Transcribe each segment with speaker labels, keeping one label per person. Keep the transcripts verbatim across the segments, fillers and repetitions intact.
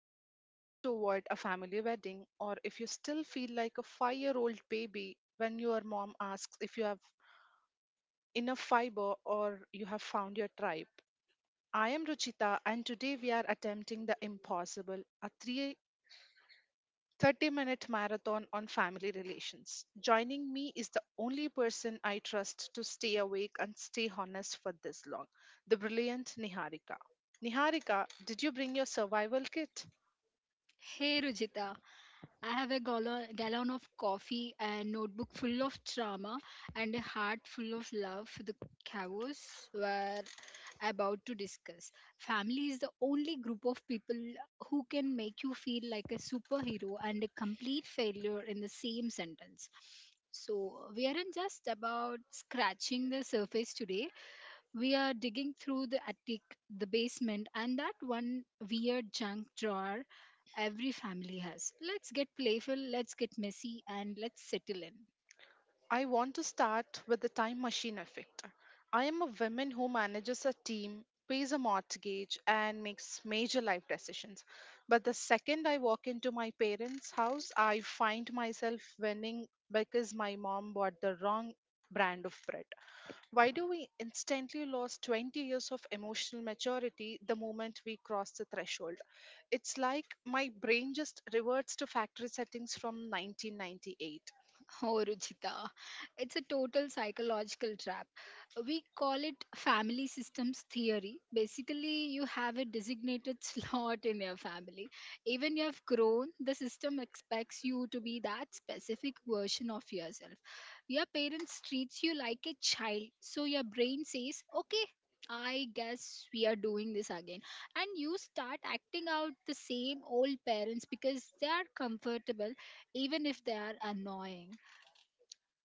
Speaker 1: disappearance just to avoid a family wedding, or if you still feel like a five year old baby when your mom asks if you have enough fiber or you have found your tribe, I am Ruchita, and today we are attempting the impossible, a three thirty minute marathon on family relations. Joining me is the only person I trust to stay awake and stay honest for this long, the brilliant Niharika. Niharika, did you bring your survival kit?
Speaker 2: Hey Rujita, I have a gallo- gallon of coffee, a notebook full of drama, and a heart full of love for the chaos we're about to discuss. Family is the only group of people who can make you feel like a superhero and a complete failure in the same sentence. So, we aren't just about scratching the surface today. We are digging through the attic, the basement, and that one weird junk drawer every family has. Let's get playful, let's get messy, and let's settle in.
Speaker 1: I want to start with the time machine effect. I am a woman who manages a team, pays a mortgage, and makes major life decisions. But the second I walk into my parents' house, I find myself winning because my mom bought the wrong brand of bread. Why do we instantly lose twenty years of emotional maturity the moment we cross the threshold? It's like my brain just reverts to factory settings from nineteen ninety-eight.
Speaker 2: Oh, Ruchita, it's a total psychological trap. We call it family systems theory. Basically, you have a designated slot in your family. Even you have grown, the system expects you to be that specific version of yourself. Your parents treats you like a child, so your brain says, "Okay, I guess we are doing this again." And you start acting out the same old parents because they are comfortable even if they are annoying.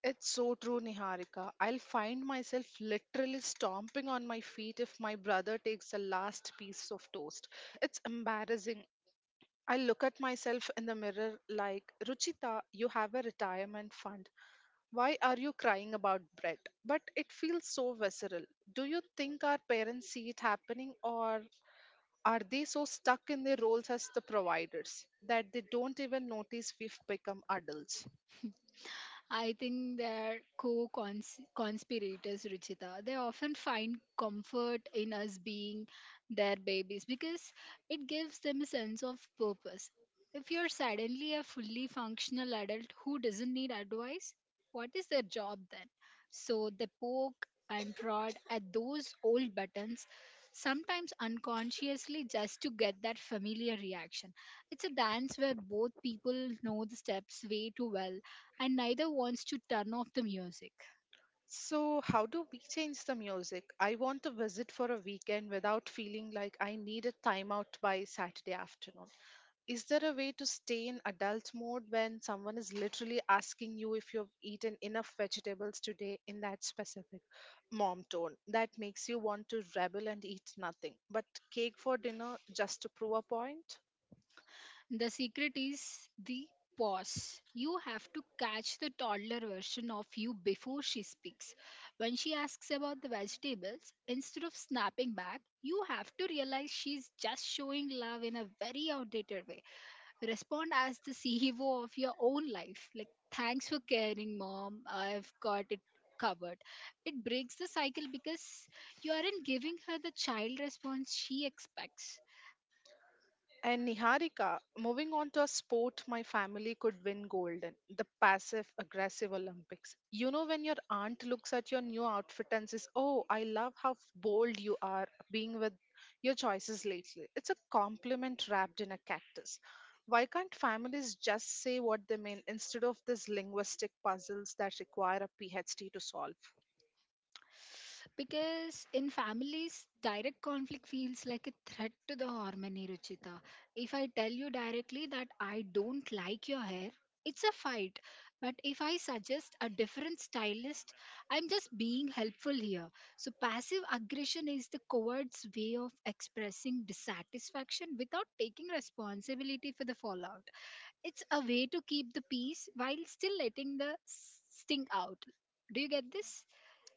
Speaker 1: It's so true, Niharika. I'll find myself literally stomping on my feet if my brother takes the last piece of toast. It's embarrassing. I look at myself in the mirror like, "Ruchita, you have a retirement fund. Why are you crying about bread?" But it feels so visceral. Do you think our parents see it happening, or are they so stuck in their roles as the providers that they don't even notice we've become adults?
Speaker 2: I think they're co conspirators, Ruchita. They often find comfort in us being their babies because it gives them a sense of purpose. If you're suddenly a fully functional adult who doesn't need advice, what is their job then? So they poke and prod at those old buttons, sometimes unconsciously, just to get that familiar reaction. It's a dance where both people know the steps way too well and neither wants to turn off the music.
Speaker 1: So, how do we change the music? I want to visit for a weekend without feeling like I need a timeout by Saturday afternoon. Is there a way to stay in adult mode when someone is literally asking you if you've eaten enough vegetables today in that specific mom tone that makes you want to rebel and eat nothing but cake for dinner just to prove a point?
Speaker 2: The secret is the pause. You have to catch the toddler version of you before she speaks. When she asks about the vegetables, instead of snapping back, you have to realize she's just showing love in a very outdated way. Respond as the C E O of your own life. Like, thanks for caring, mom. I've got it covered. It breaks the cycle because you aren't giving her the child response she expects.
Speaker 1: And Niharika, moving on to a sport my family could win gold in, the passive aggressive Olympics. You know, when your aunt looks at your new outfit and says, "Oh, I love how f- bold you are being with your choices lately." It's a compliment wrapped in a cactus. Why can't families just say what they mean instead of these linguistic puzzles that require a PhD to solve?
Speaker 2: Because in families, direct conflict feels like a threat to the harmony, Ruchita. If I tell you directly that I don't like your hair, it's a fight. But if I suggest a different stylist, I'm just being helpful here. So, passive aggression is the coward's way of expressing dissatisfaction without taking responsibility for the fallout. It's a way to keep the peace while still letting the sting out. Do you get this?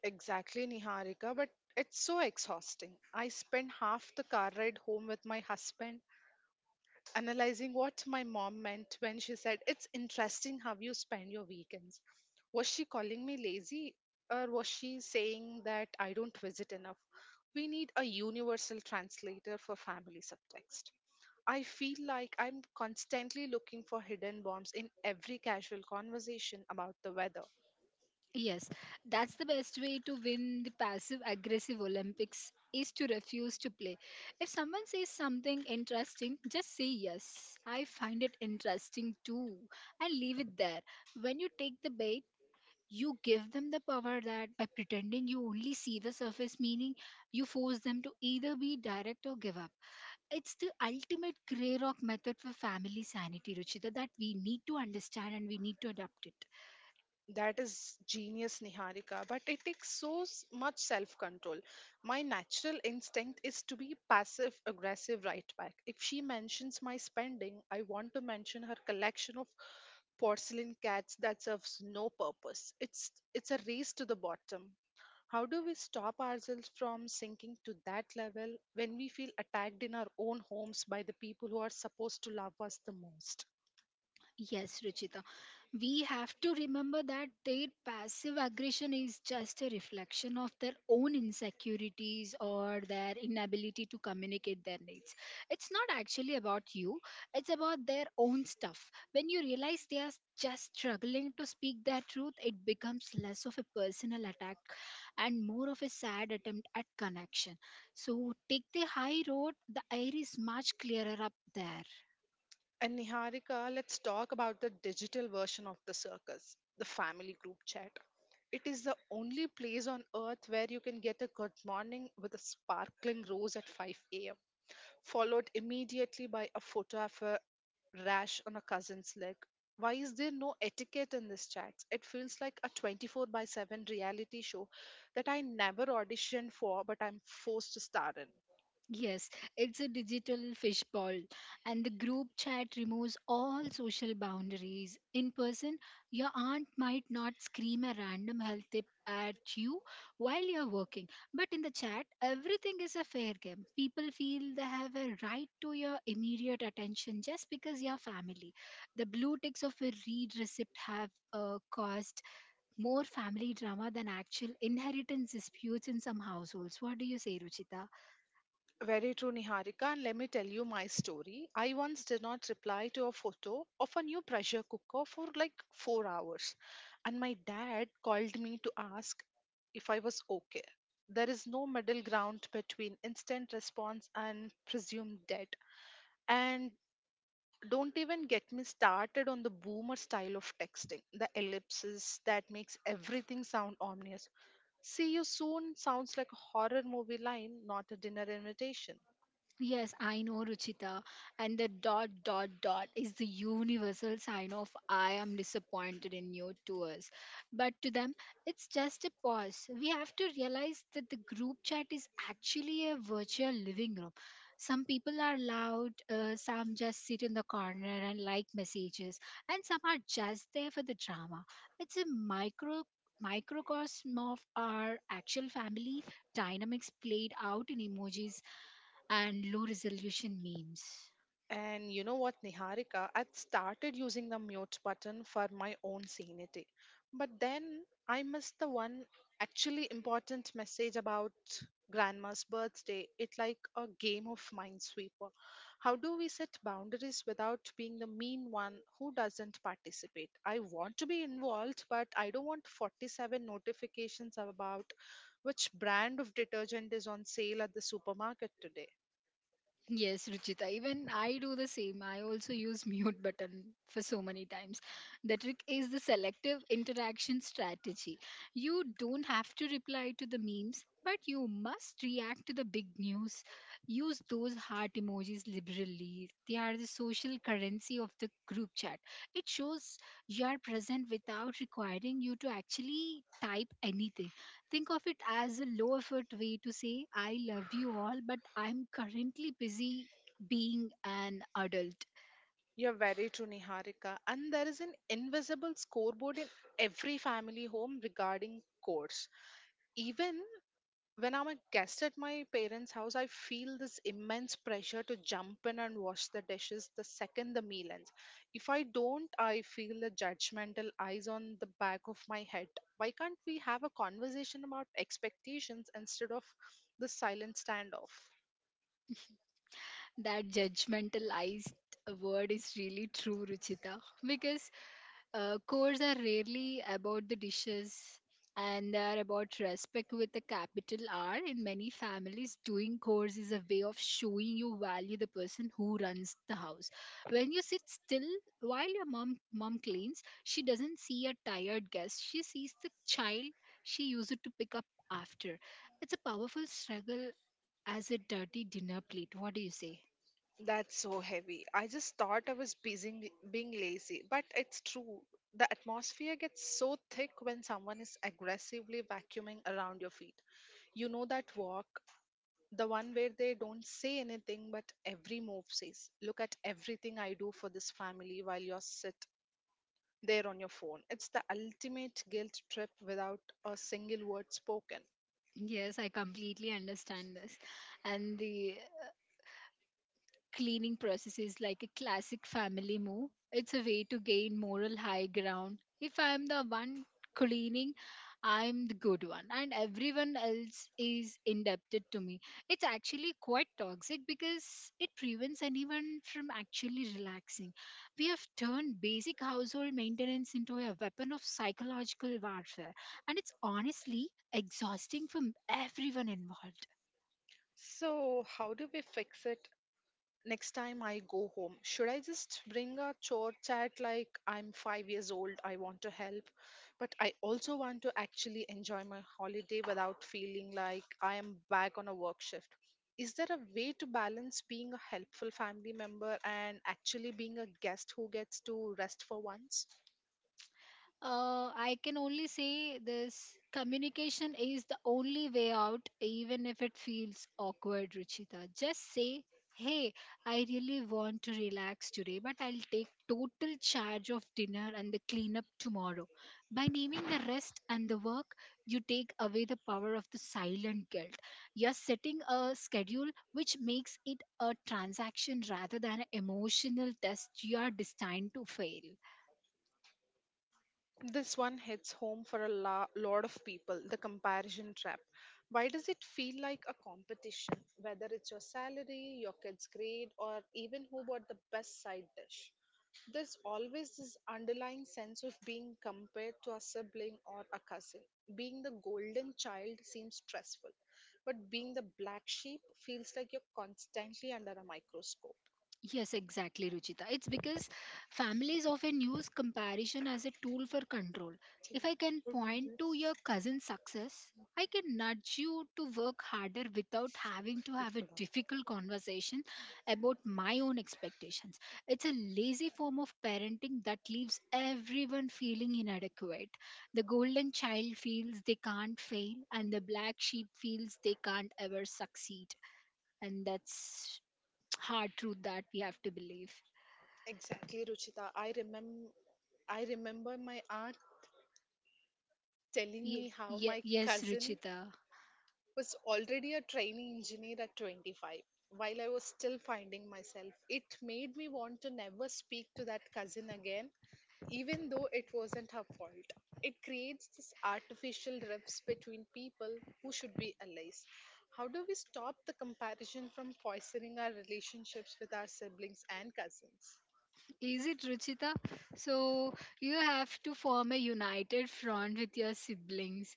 Speaker 1: Exactly, Niharika, but it's so exhausting. I spend half the car ride home with my husband analyzing what my mom meant when she said, "It's interesting how you spend your weekends." Was she calling me lazy, or was she saying that I don't visit enough? We need a universal translator for family subtext. I feel like I'm constantly looking for hidden bombs in every casual conversation about the weather.
Speaker 2: Yes, that's the best way to win the passive aggressive Olympics is to refuse to play. If someone says something interesting, just say yes. I find it interesting too and leave it there. When you take the bait, you give them the power that by pretending you only see the surface meaning, you force them to either be direct or give up. It's the ultimate grey rock method for family sanity, Ruchita, that we need to understand and we need to adapt it.
Speaker 1: That is genius, Niharika, but it takes so s- much self control. My natural instinct is to be passive aggressive right back. If she mentions my spending, I want to mention her collection of porcelain cats that serves no purpose. It's it's a race to the bottom. How do we stop ourselves from sinking to that level when we feel attacked in our own homes by the people who are supposed to love us the most?
Speaker 2: Yes, Ruchita. We have to remember that their passive aggression is just a reflection of their own insecurities or their inability to communicate their needs. It's not actually about you, it's about their own stuff. When you realize they are just struggling to speak their truth, it becomes less of a personal attack and more of a sad attempt at connection. So take the high road, the air is much clearer up there.
Speaker 1: And Niharika, let's talk about the digital version of the circus, the family group chat. It is the only place on earth where you can get a good morning with a sparkling rose at five a m, followed immediately by a photo of a rash on a cousin's leg. Why is there no etiquette in this chat? It feels like a twenty-four by seven reality show that I never auditioned for, but I'm forced to star in.
Speaker 2: Yes, it's a digital fishbowl, and the group chat removes all social boundaries. In person, your aunt might not scream a random health tip at you while you're working, but in the chat, everything is a fair game. People feel they have a right to your immediate attention just because you're family. The blue ticks of a read receipt have uh, caused more family drama than actual inheritance disputes in some households. What do you say, Ruchita?
Speaker 1: Very true, Niharika. And let me tell you my story. I once did not reply to a photo of a new pressure cooker for like four hours. And my dad called me to ask if I was okay. There is no middle ground between instant response and presumed dead. And don't even get me started on the boomer style of texting, the ellipses that makes everything sound ominous. "See you soon" sounds like a horror movie line, not a dinner invitation.
Speaker 2: Yes, I know, Ruchita. And the dot, dot, dot is the universal sign of I am disappointed in you to us. But to them, it's just a pause. We have to realize that the group chat is actually a virtual living room. Some people are loud, uh, some just sit in the corner and like messages, and some are just there for the drama. It's a micro microcosm of our actual family dynamics played out in emojis and low resolution memes.
Speaker 1: And you know what, Niharika? I started using the mute button for my own sanity. But then I missed the one actually important message about grandma's birthday. It's like a game of minesweeper. How do we set boundaries without being the mean one who doesn't participate? I want to be involved, but I don't want forty-seven notifications about which brand of detergent is on sale at the supermarket today.
Speaker 2: Yes, Ruchita, even I do the same. I also use mute button for so many times. The trick is the selective interaction strategy. You don't have to reply to the memes, but you must react to the big news. Use those heart emojis liberally. They are the social currency of the group chat. It shows you are present without requiring you to actually type anything. Think of it as a low effort way to say, I love you all, but I'm currently busy being an adult.
Speaker 1: You're very true, Niharika. And there is an invisible scoreboard in every family home regarding course. Even when I'm a guest at my parents' house, I feel this immense pressure to jump in and wash the dishes the second the meal ends. If I don't, I feel the judgmental eyes on the back of my head. Why can't we have a conversation about expectations instead of the silent standoff?
Speaker 2: That judgmentalized word is really true, Ruchita, because Uh, chores are rarely about the dishes and they are about respect with a capital R. In many families, doing chores is a way of showing you value the person who runs the house. When you sit still while your mom mom cleans, she doesn't see a tired guest. She sees the child she used to pick up after. It's a powerful struggle as a dirty dinner plate. What do you say?
Speaker 1: That's so heavy. I just thought I was busy being lazy, but it's true. The atmosphere gets so thick when someone is aggressively vacuuming around your feet. You know that walk, the one where they don't say anything, but every move says, "Look at everything I do for this family while you're sit there on your phone." It's the ultimate guilt trip without a single word spoken.
Speaker 2: Yes, I completely understand this. And the cleaning process is like a classic family move. It's a way to gain moral high ground. If I'm the one cleaning, I'm the good one, and everyone else is indebted to me. It's actually quite toxic because it prevents anyone from actually relaxing. We have turned basic household maintenance into a weapon of psychological warfare, and it's honestly exhausting for everyone involved.
Speaker 1: So, how do we fix it? Next time I go home, should I just bring a chore chat like I'm five years old? I want to help, but I also want to actually enjoy my holiday without feeling like I am back on a work shift. Is there a way to balance being a helpful family member and actually being a guest who gets to rest for once?
Speaker 2: Uh, I can only say this communication is the only way out, even if it feels awkward, Ruchita. Just say, hey, I really want to relax today, but I'll take total charge of dinner and the cleanup tomorrow. By naming the rest and the work, you take away the power of the silent guilt. You're setting a schedule which makes it a transaction rather than an emotional test you are destined to fail.
Speaker 1: This one hits home for a la- lot of people, the comparison trap. Why does it feel like a competition, whether it's your salary, your kid's grade, or even who bought the best side dish? There's always this underlying sense of being compared to a sibling or a cousin. Being the golden child seems stressful, but being the black sheep feels like you're constantly under a microscope.
Speaker 2: Yes, exactly, Ruchita. It's because families often use comparison as a tool for control. If I can point to your cousin's success, I can nudge you to work harder without having to have a difficult conversation about my own expectations. It's a lazy form of parenting that leaves everyone feeling inadequate. The golden child feels they can't fail, and the black sheep feels they can't ever succeed. And that's hard truth that we have to believe.
Speaker 1: Exactly, Ruchita. I remember I remember my aunt telling me
Speaker 2: Ye-
Speaker 1: how
Speaker 2: ye-
Speaker 1: my
Speaker 2: yes,
Speaker 1: cousin
Speaker 2: Ruchita.
Speaker 1: was already a trainee engineer at twenty-five while I was still finding myself. It made me want to never speak to that cousin again, even though it wasn't her fault. It creates this artificial rifts between people who should be allies. How do we stop the comparison from poisoning our relationships with our siblings and cousins?
Speaker 2: Is it Ruchita? So you have to form a united front with your siblings.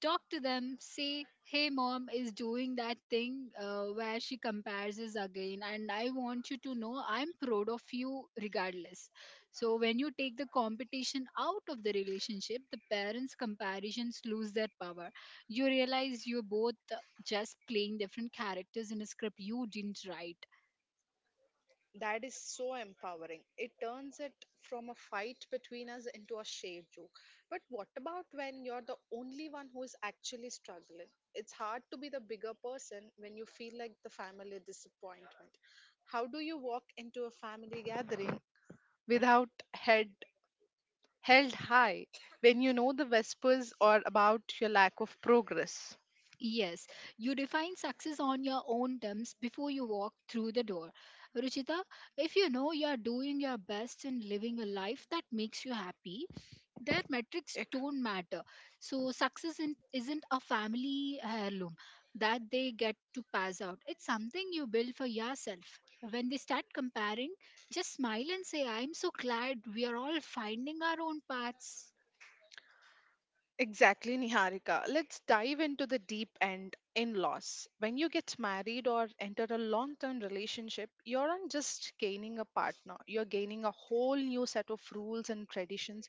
Speaker 2: Talk to them. Say, "Hey, mom is doing that thing uh, where she compares us again, and I want you to know I'm proud of you regardless." So when you take the competition out of the relationship, the parents' comparisons lose their power. You realize you're both just playing different characters in a script you didn't write.
Speaker 1: That is so empowering. It turns it from a fight between us into a shared joke. But what about when you're the only one who is actually struggling? It's hard to be the bigger person when you feel like the family disappointment. How do you walk into a family gathering without head held high when you know the whispers are about your lack of progress?
Speaker 2: Yes, you define success on your own terms before you walk through the door. Ruchita, if you know you are doing your best and living a life that makes you happy, their metrics don't matter. So, success in- isn't a family heirloom that they get to pass out, it's something you build for yourself. When they start comparing, just smile and say, I'm so glad we are all finding our own paths.
Speaker 1: Exactly, Niharika. Let's dive into the deep end, in laws. When you get married or enter a long term relationship, you're not just gaining a partner, you're gaining a whole new set of rules and traditions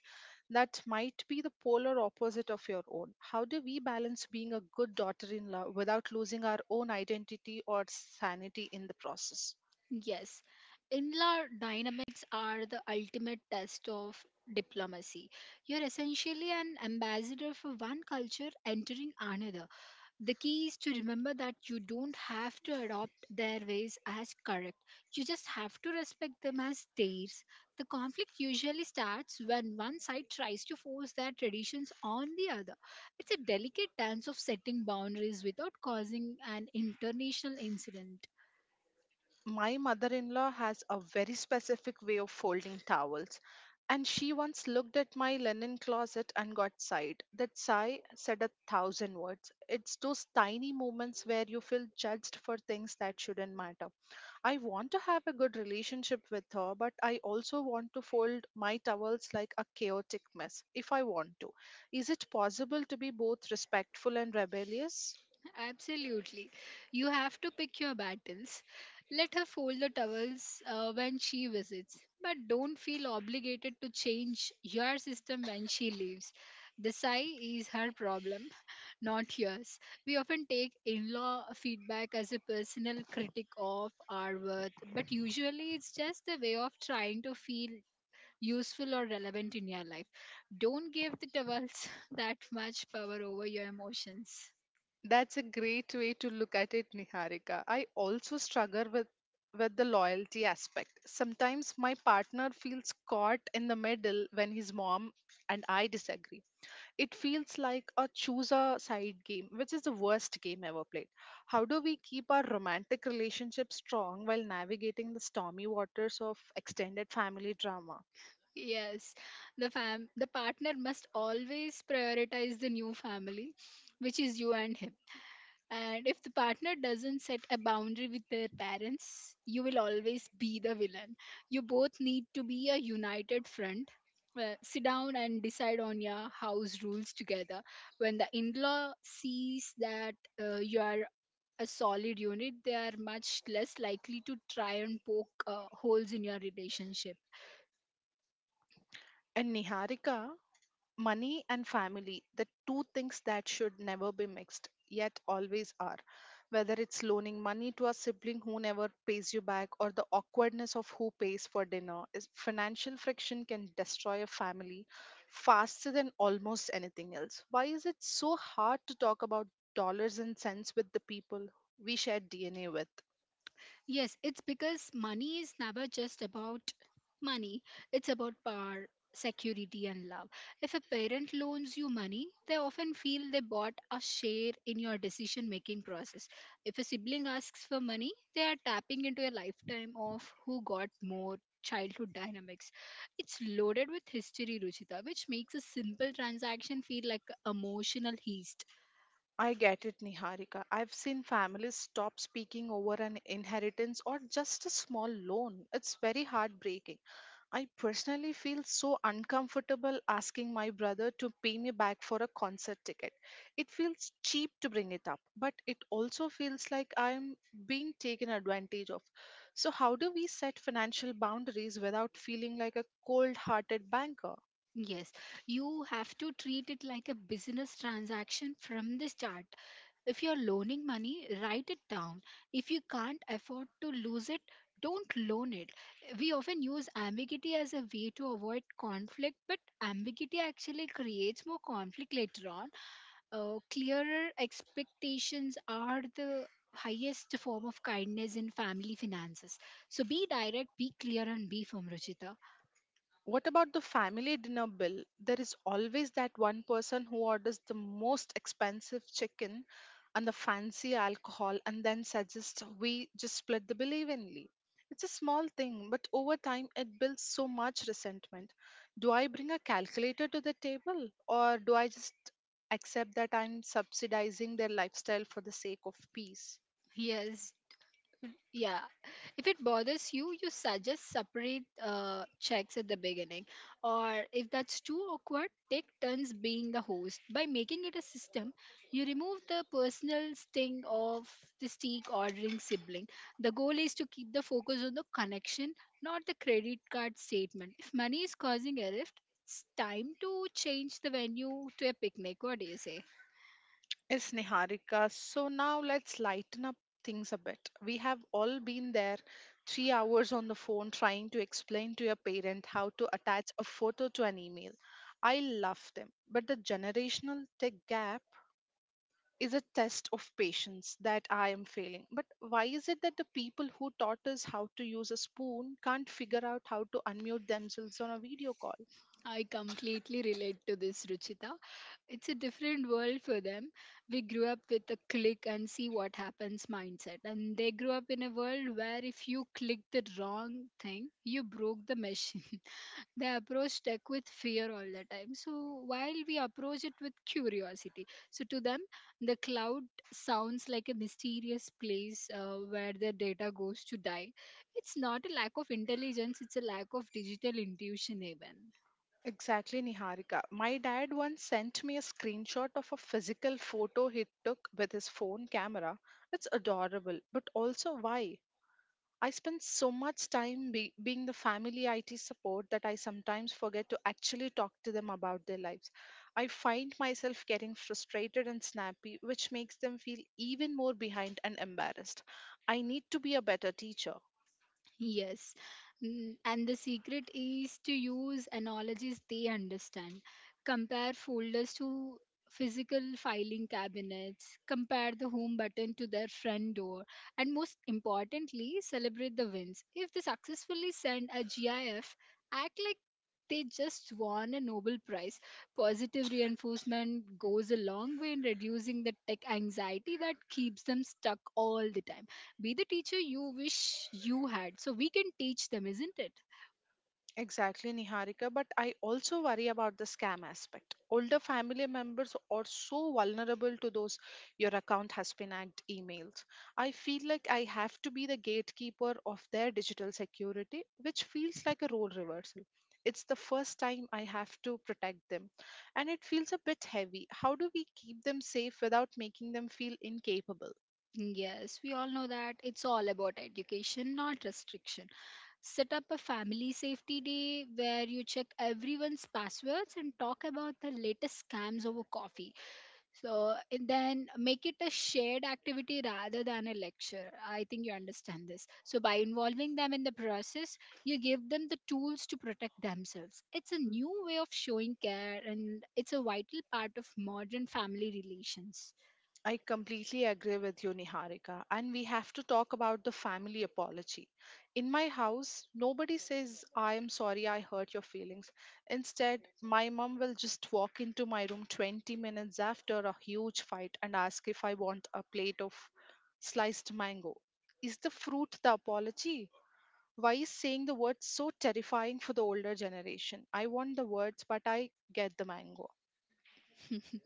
Speaker 1: that might be the polar opposite of your own. How do we balance being a good daughter in law without losing our own identity or sanity in the process?
Speaker 2: Yes, inla dynamics are the ultimate test of diplomacy. You're essentially an ambassador for one culture entering another. The key is to remember that you don't have to adopt their ways as correct, you just have to respect them as theirs. The conflict usually starts when one side tries to force their traditions on the other. It's a delicate dance of setting boundaries without causing an international incident.
Speaker 1: My mother in law has a very specific way of folding towels, and she once looked at my linen closet and got sighed. That sigh said a thousand words. It's those tiny moments where you feel judged for things that shouldn't matter. I want to have a good relationship with her, but I also want to fold my towels like a chaotic mess if I want to. Is it possible to be both respectful and rebellious?
Speaker 2: Absolutely. You have to pick your battles. Let her fold the towels uh, when she visits, but don't feel obligated to change your system when she leaves. The sigh is her problem, not yours. We often take in law feedback as a personal critic of our worth, but usually it's just a way of trying to feel useful or relevant in your life. Don't give the towels that much power over your emotions.
Speaker 1: That's a great way to look at it, Niharika. I also struggle with with the loyalty aspect. Sometimes my partner feels caught in the middle when his mom and I disagree. It feels like a choose a side game, which is the worst game ever played. How do we keep our romantic relationship strong while navigating the stormy waters of extended family drama?
Speaker 2: Yes, the fam the partner must always prioritize the new family, which is you and him. And if the partner doesn't set a boundary with their parents, you will always be the villain. You both need to be a united front. Uh, sit down and decide on your house rules together. When the in-law sees that uh, you are a solid unit, they are much less likely to try and poke uh, holes in your relationship.
Speaker 1: And Niharika, money and family, the two things that should never be mixed, yet always are. Whether it's loaning money to a sibling who never pays you back or the awkwardness of who pays for dinner, is- financial friction can destroy a family faster than almost anything else. Why is it so hard to talk about dollars and cents with the people we share D N A with?
Speaker 2: Yes, it's because money is never just about money, it's about power, security, and love. If a parent loans you money, they often feel they bought a share in your decision making process. If a sibling asks for money, they are tapping into a lifetime of who got more. Childhood dynamics. It's loaded with history, Ruchita, which makes a simple transaction feel like a emotional heist.
Speaker 1: I get it, Niharika. I've seen families stop speaking over an inheritance or just a small loan. It's very heartbreaking. I personally feel so uncomfortable asking my brother to pay me back for a concert ticket. It feels cheap to bring it up, but it also feels like I'm being taken advantage of. So, how do we set financial boundaries without feeling like a cold hearted banker?
Speaker 2: Yes, you have to treat it like a business transaction from the start. If you're loaning money, write it down. If you can't afford to lose it, don't loan it. We often use ambiguity as a way to avoid conflict, but ambiguity actually creates more conflict later on. Uh, clearer expectations are the highest form of kindness in family finances. So be direct, be clear, and be firm, Ruchita.
Speaker 1: What about the family dinner bill? There is always that one person who orders the most expensive chicken and the fancy alcohol, and then suggests we just split the bill evenly. It's a small thing, but over time it builds so much resentment. Do I bring a calculator to the table, or do I just accept that I'm subsidizing their lifestyle for the sake of peace?
Speaker 2: Yes. Yeah, if it bothers you, you suggest separate uh, checks at the beginning. Or if that's too awkward, take turns being the host. By making it a system, you remove the personal sting of the steak ordering sibling. The goal is to keep the focus on the connection, not the credit card statement. If money is causing a rift, it's time to change the venue to a picnic. What do you say?
Speaker 1: Is Niharika. So now let's lighten up things a bit. We have all been there three hours on the phone trying to explain to your parent how to attach a photo to an email. I love them, but the generational tech gap is a test of patience that I am failing. But why is it that the people who taught us how to use a spoon can't figure out how to unmute themselves on a video call?
Speaker 2: I completely relate to this, Ruchita. It's a different world for them. We grew up with a click and see what happens mindset. And they grew up in a world where if you click the wrong thing, you broke the machine. They approach tech with fear all the time. So while we approach it with curiosity, so to them, the cloud sounds like a mysterious place uh, where their data goes to die. It's not a lack of intelligence, it's a lack of digital intuition, even.
Speaker 1: Exactly, Niharika. My dad once sent me a screenshot of a physical photo he took with his phone camera. It's adorable, but also why? I spend so much time be- being the family I T support that I sometimes forget to actually talk to them about their lives. I find myself getting frustrated and snappy, which makes them feel even more behind and embarrassed. I need to be a better teacher.
Speaker 2: Yes. Mm, And the secret is to use analogies they understand. Compare folders to physical filing cabinets, compare the home button to their front door, and most importantly, celebrate the wins. If they successfully send a GIF, act like they just won a Nobel Prize. Positive reinforcement goes a long way in reducing the tech anxiety that keeps them stuck all the time. Be the teacher you wish you had so we can teach them, isn't it?
Speaker 1: Exactly, Niharika, but I also worry about the scam aspect. Older family members are so vulnerable to those your account has been hacked emails. I feel like I have to be the gatekeeper of their digital security, which feels like a role reversal. It's the first time I have to protect them, and it feels a bit heavy. How do we keep them safe without making them feel incapable?
Speaker 2: Yes, we all know that it's all about education, not restriction. Set up a family safety day where you check everyone's passwords and talk about the latest scams over coffee. So and then make it a shared activity rather than a lecture. I think you understand this. So by involving them in the process, you give them the tools to protect themselves. It's a new way of showing care and it's a vital part of modern family relations.
Speaker 1: I completely agree with you, Niharika. And we have to talk about the family apology. In my house, nobody says, I am sorry I hurt your feelings. Instead, my mom will just walk into my room twenty minutes after a huge fight and ask if I want a plate of sliced mango. Is the fruit the apology? Why is saying the word so terrifying for the older generation? I want the words, but I get the mango.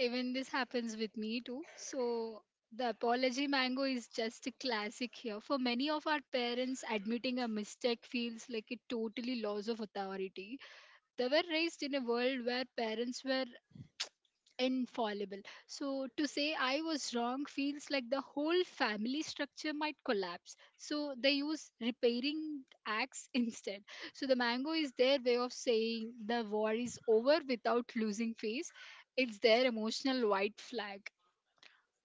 Speaker 2: Even this happens with me too. So the apology mango is just a classic here. For many of our parents, admitting a mistake feels like a totally loss of authority. They were raised in a world where parents were infallible. So, to say I was wrong feels like the whole family structure might collapse. So, they use repairing acts instead. So, the mango is their way of saying the war is over without losing face. It's their emotional white flag.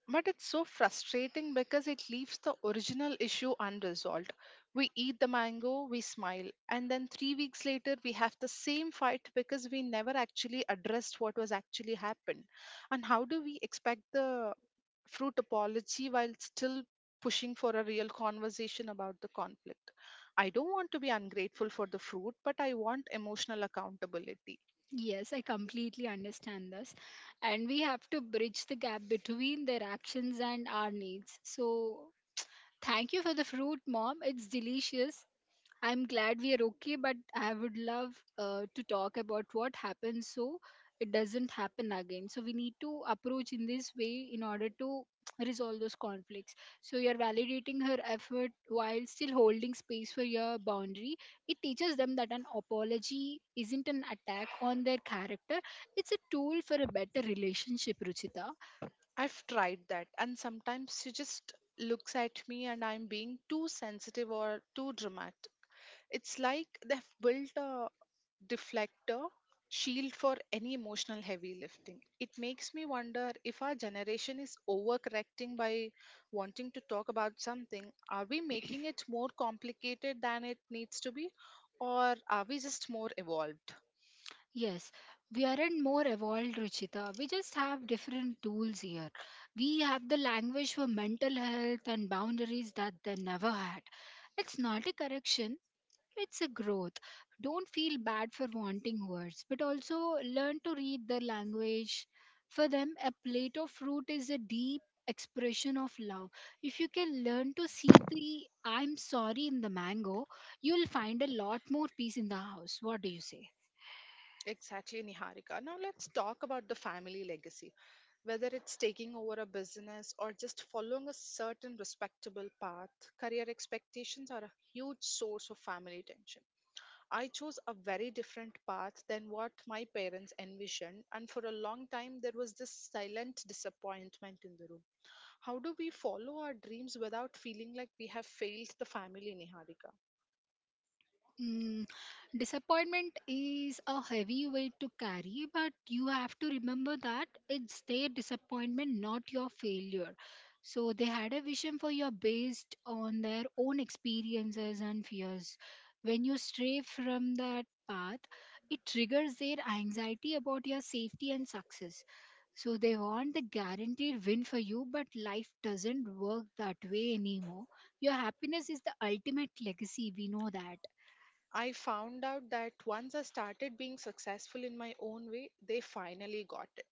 Speaker 1: But it's so frustrating because it leaves the original issue unresolved. We eat the mango, we smile, and then three weeks later we have the same fight because we never actually addressed what was actually happened. And how do we expect the fruit apology while still pushing for a real conversation about the conflict? I don't want to be ungrateful for the fruit, but I want emotional accountability.
Speaker 2: Yes, I completely understand this. And we have to bridge the gap between their actions and our needs. So, thank you for the fruit, mom. It's delicious. I'm glad we are okay, but I would love uh, to talk about what happens so it doesn't happen again. So we need to approach in this way in order to resolve those conflicts. So you're validating her effort while still holding space for your boundary. It teaches them that an apology isn't an attack on their character, it's a tool for a better relationship, Ruchita.
Speaker 1: I've tried that, and sometimes she just looks at me and I'm being too sensitive or too dramatic. It's like they've built a deflector shield for any emotional heavy lifting. It makes me wonder if our generation is overcorrecting by wanting to talk about something. Are we making it more complicated than it needs to be, or are we just more evolved?
Speaker 2: Yes, we aren't more evolved, Ruchita. We just have different tools here. We have the language for mental health and boundaries that they never had. It's not a correction, it's a growth. Don't feel bad for wanting words, but also learn to read their language. For them, a plate of fruit is a deep expression of love. If you can learn to see the I'm sorry in the mango, you'll find a lot more peace in the house. What do you say?
Speaker 1: Exactly, Niharika. Now let's talk about the family legacy. Whether it's taking over a business or just following a certain respectable path, career expectations are a huge source of family tension. I chose a very different path than what my parents envisioned, and for a long time there was this silent disappointment in the room. How do we follow our dreams without feeling like we have failed the family, Niharika?
Speaker 2: Mm, disappointment is a heavy weight to carry, but you have to remember that it's their disappointment, not your failure. So they had a vision for you based on their own experiences and fears. When you stray from that path, it triggers their anxiety about your safety and success. So they want the guaranteed win for you, but life doesn't work that way anymore. Your happiness is the ultimate legacy, we know that.
Speaker 1: I found out that once I started being successful in my own way, they finally got it.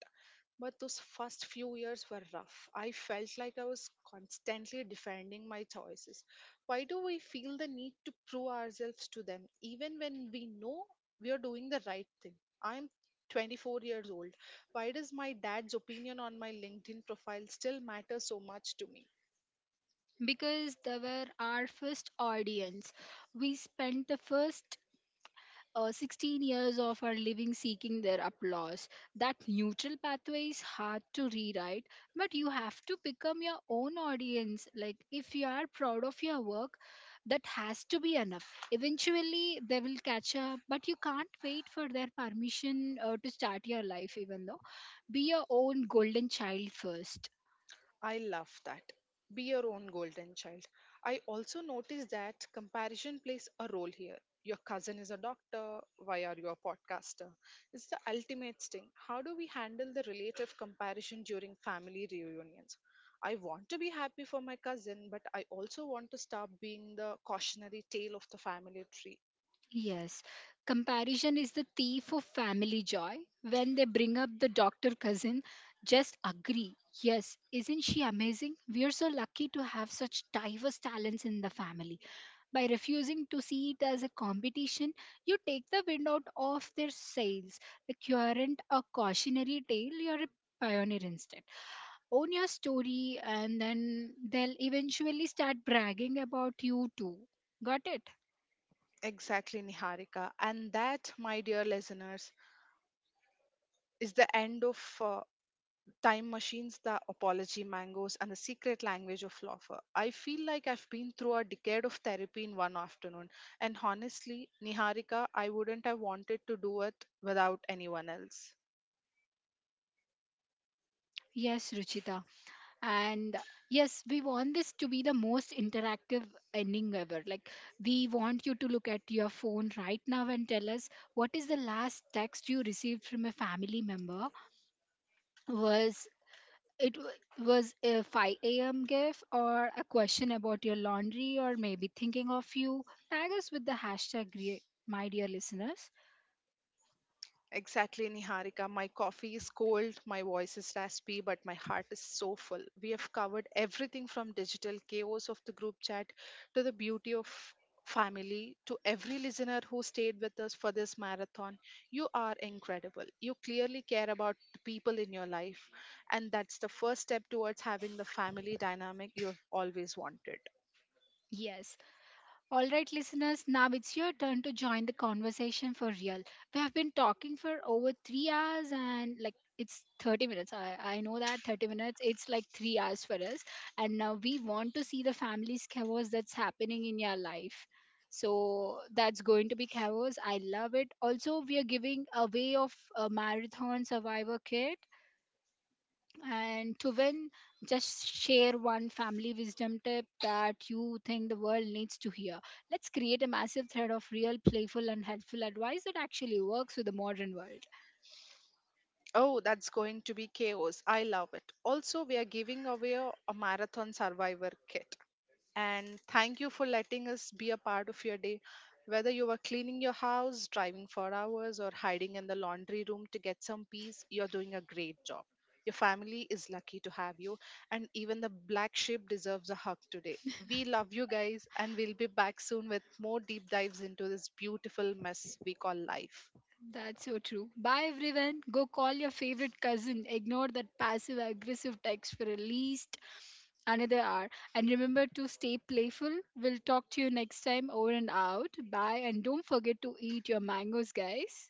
Speaker 1: But those first few years were rough. I felt like I was constantly defending my choices. Why do we feel the need to prove ourselves to them, even when we know we are doing the right thing? I am twenty-four years old. Why does my dad's opinion on my LinkedIn profile still matter so much to me?
Speaker 2: Because they were our first audience. We spent the first uh, sixteen years of our living seeking their applause. That neutral pathway is hard to rewrite, but you have to become your own audience. Like, if you are proud of your work, that has to be enough. Eventually, they will catch up, but you can't wait for their permission uh, to start your life, even though. Be your own golden child first.
Speaker 1: I love that. Be your own golden child. I also noticed that comparison plays a role here. Your cousin is a doctor, why are you a podcaster? It's the ultimate sting. How do we handle the relative comparison during family reunions? I want to be happy for my cousin, but I also want to stop being the cautionary tale of the family tree.
Speaker 2: Yes, comparison is the thief of family joy. When they bring up the doctor cousin, just agree. Yes, isn't she amazing? We are so lucky to have such diverse talents in the family. By refusing to see it as a competition, you take the wind out of their sails. Like you aren't a cautionary tale, you're a pioneer instead. Own your story, and then they'll eventually start bragging about you too. Got it?
Speaker 1: Exactly, Niharika. And that, my dear listeners, is the end of uh, Time Machines, The Apology Mangoes, and The Secret Language of Laughter. I feel like I've been through a decade of therapy in one afternoon. And honestly, Niharika, I wouldn't have wanted to do it without anyone else.
Speaker 2: Yes, Ruchita. And yes, we want this to be the most interactive ending ever. Like, we want you to look at your phone right now and tell us, what is the last text you received from a family member? Was it w- was a five a m a.m gif or a question about your laundry or maybe thinking of you? Tag us with the hashtag re- my dear listeners.
Speaker 1: Exactly, Niharika. My coffee is cold, my voice is raspy, but my heart is so full. We have covered everything from digital chaos of the group chat to the beauty of family to every listener who stayed with us for this marathon. You are incredible. You clearly care about the people in your life, and that's the first step towards having the family dynamic you have always wanted.
Speaker 2: Yes. All right, listeners, now it's your turn to join the conversation for real. We have been talking for over three hours, and like, it's thirty minutes. I, I know that thirty minutes, it's like three hours for us. And now we want to see the family's chaos that's happening in your life. So that's going to be chaos. I love it. Also, we are giving away of a marathon survivor kit, and to win, just share one family wisdom tip that you think the world needs to hear. Let's create a massive thread of real, playful, and helpful advice that actually works with the modern world.
Speaker 1: Oh, that's going to be chaos. I love it. Also, we are giving away a a marathon survivor kit. And thank you for letting us be a part of your day. Whether you are cleaning your house, driving for hours, or hiding in the laundry room to get some peace, you're doing a great job. Your family is lucky to have you, and even the black sheep deserves a hug today. We love you guys, and we'll be back soon with more deep dives into this beautiful mess we call life.
Speaker 2: That's so true. Bye, everyone. Go call your favorite cousin. Ignore that passive aggressive text for at least another hour. And remember to stay playful. We'll talk to you next time. Over and out. Bye. And don't forget to eat your mangoes, guys.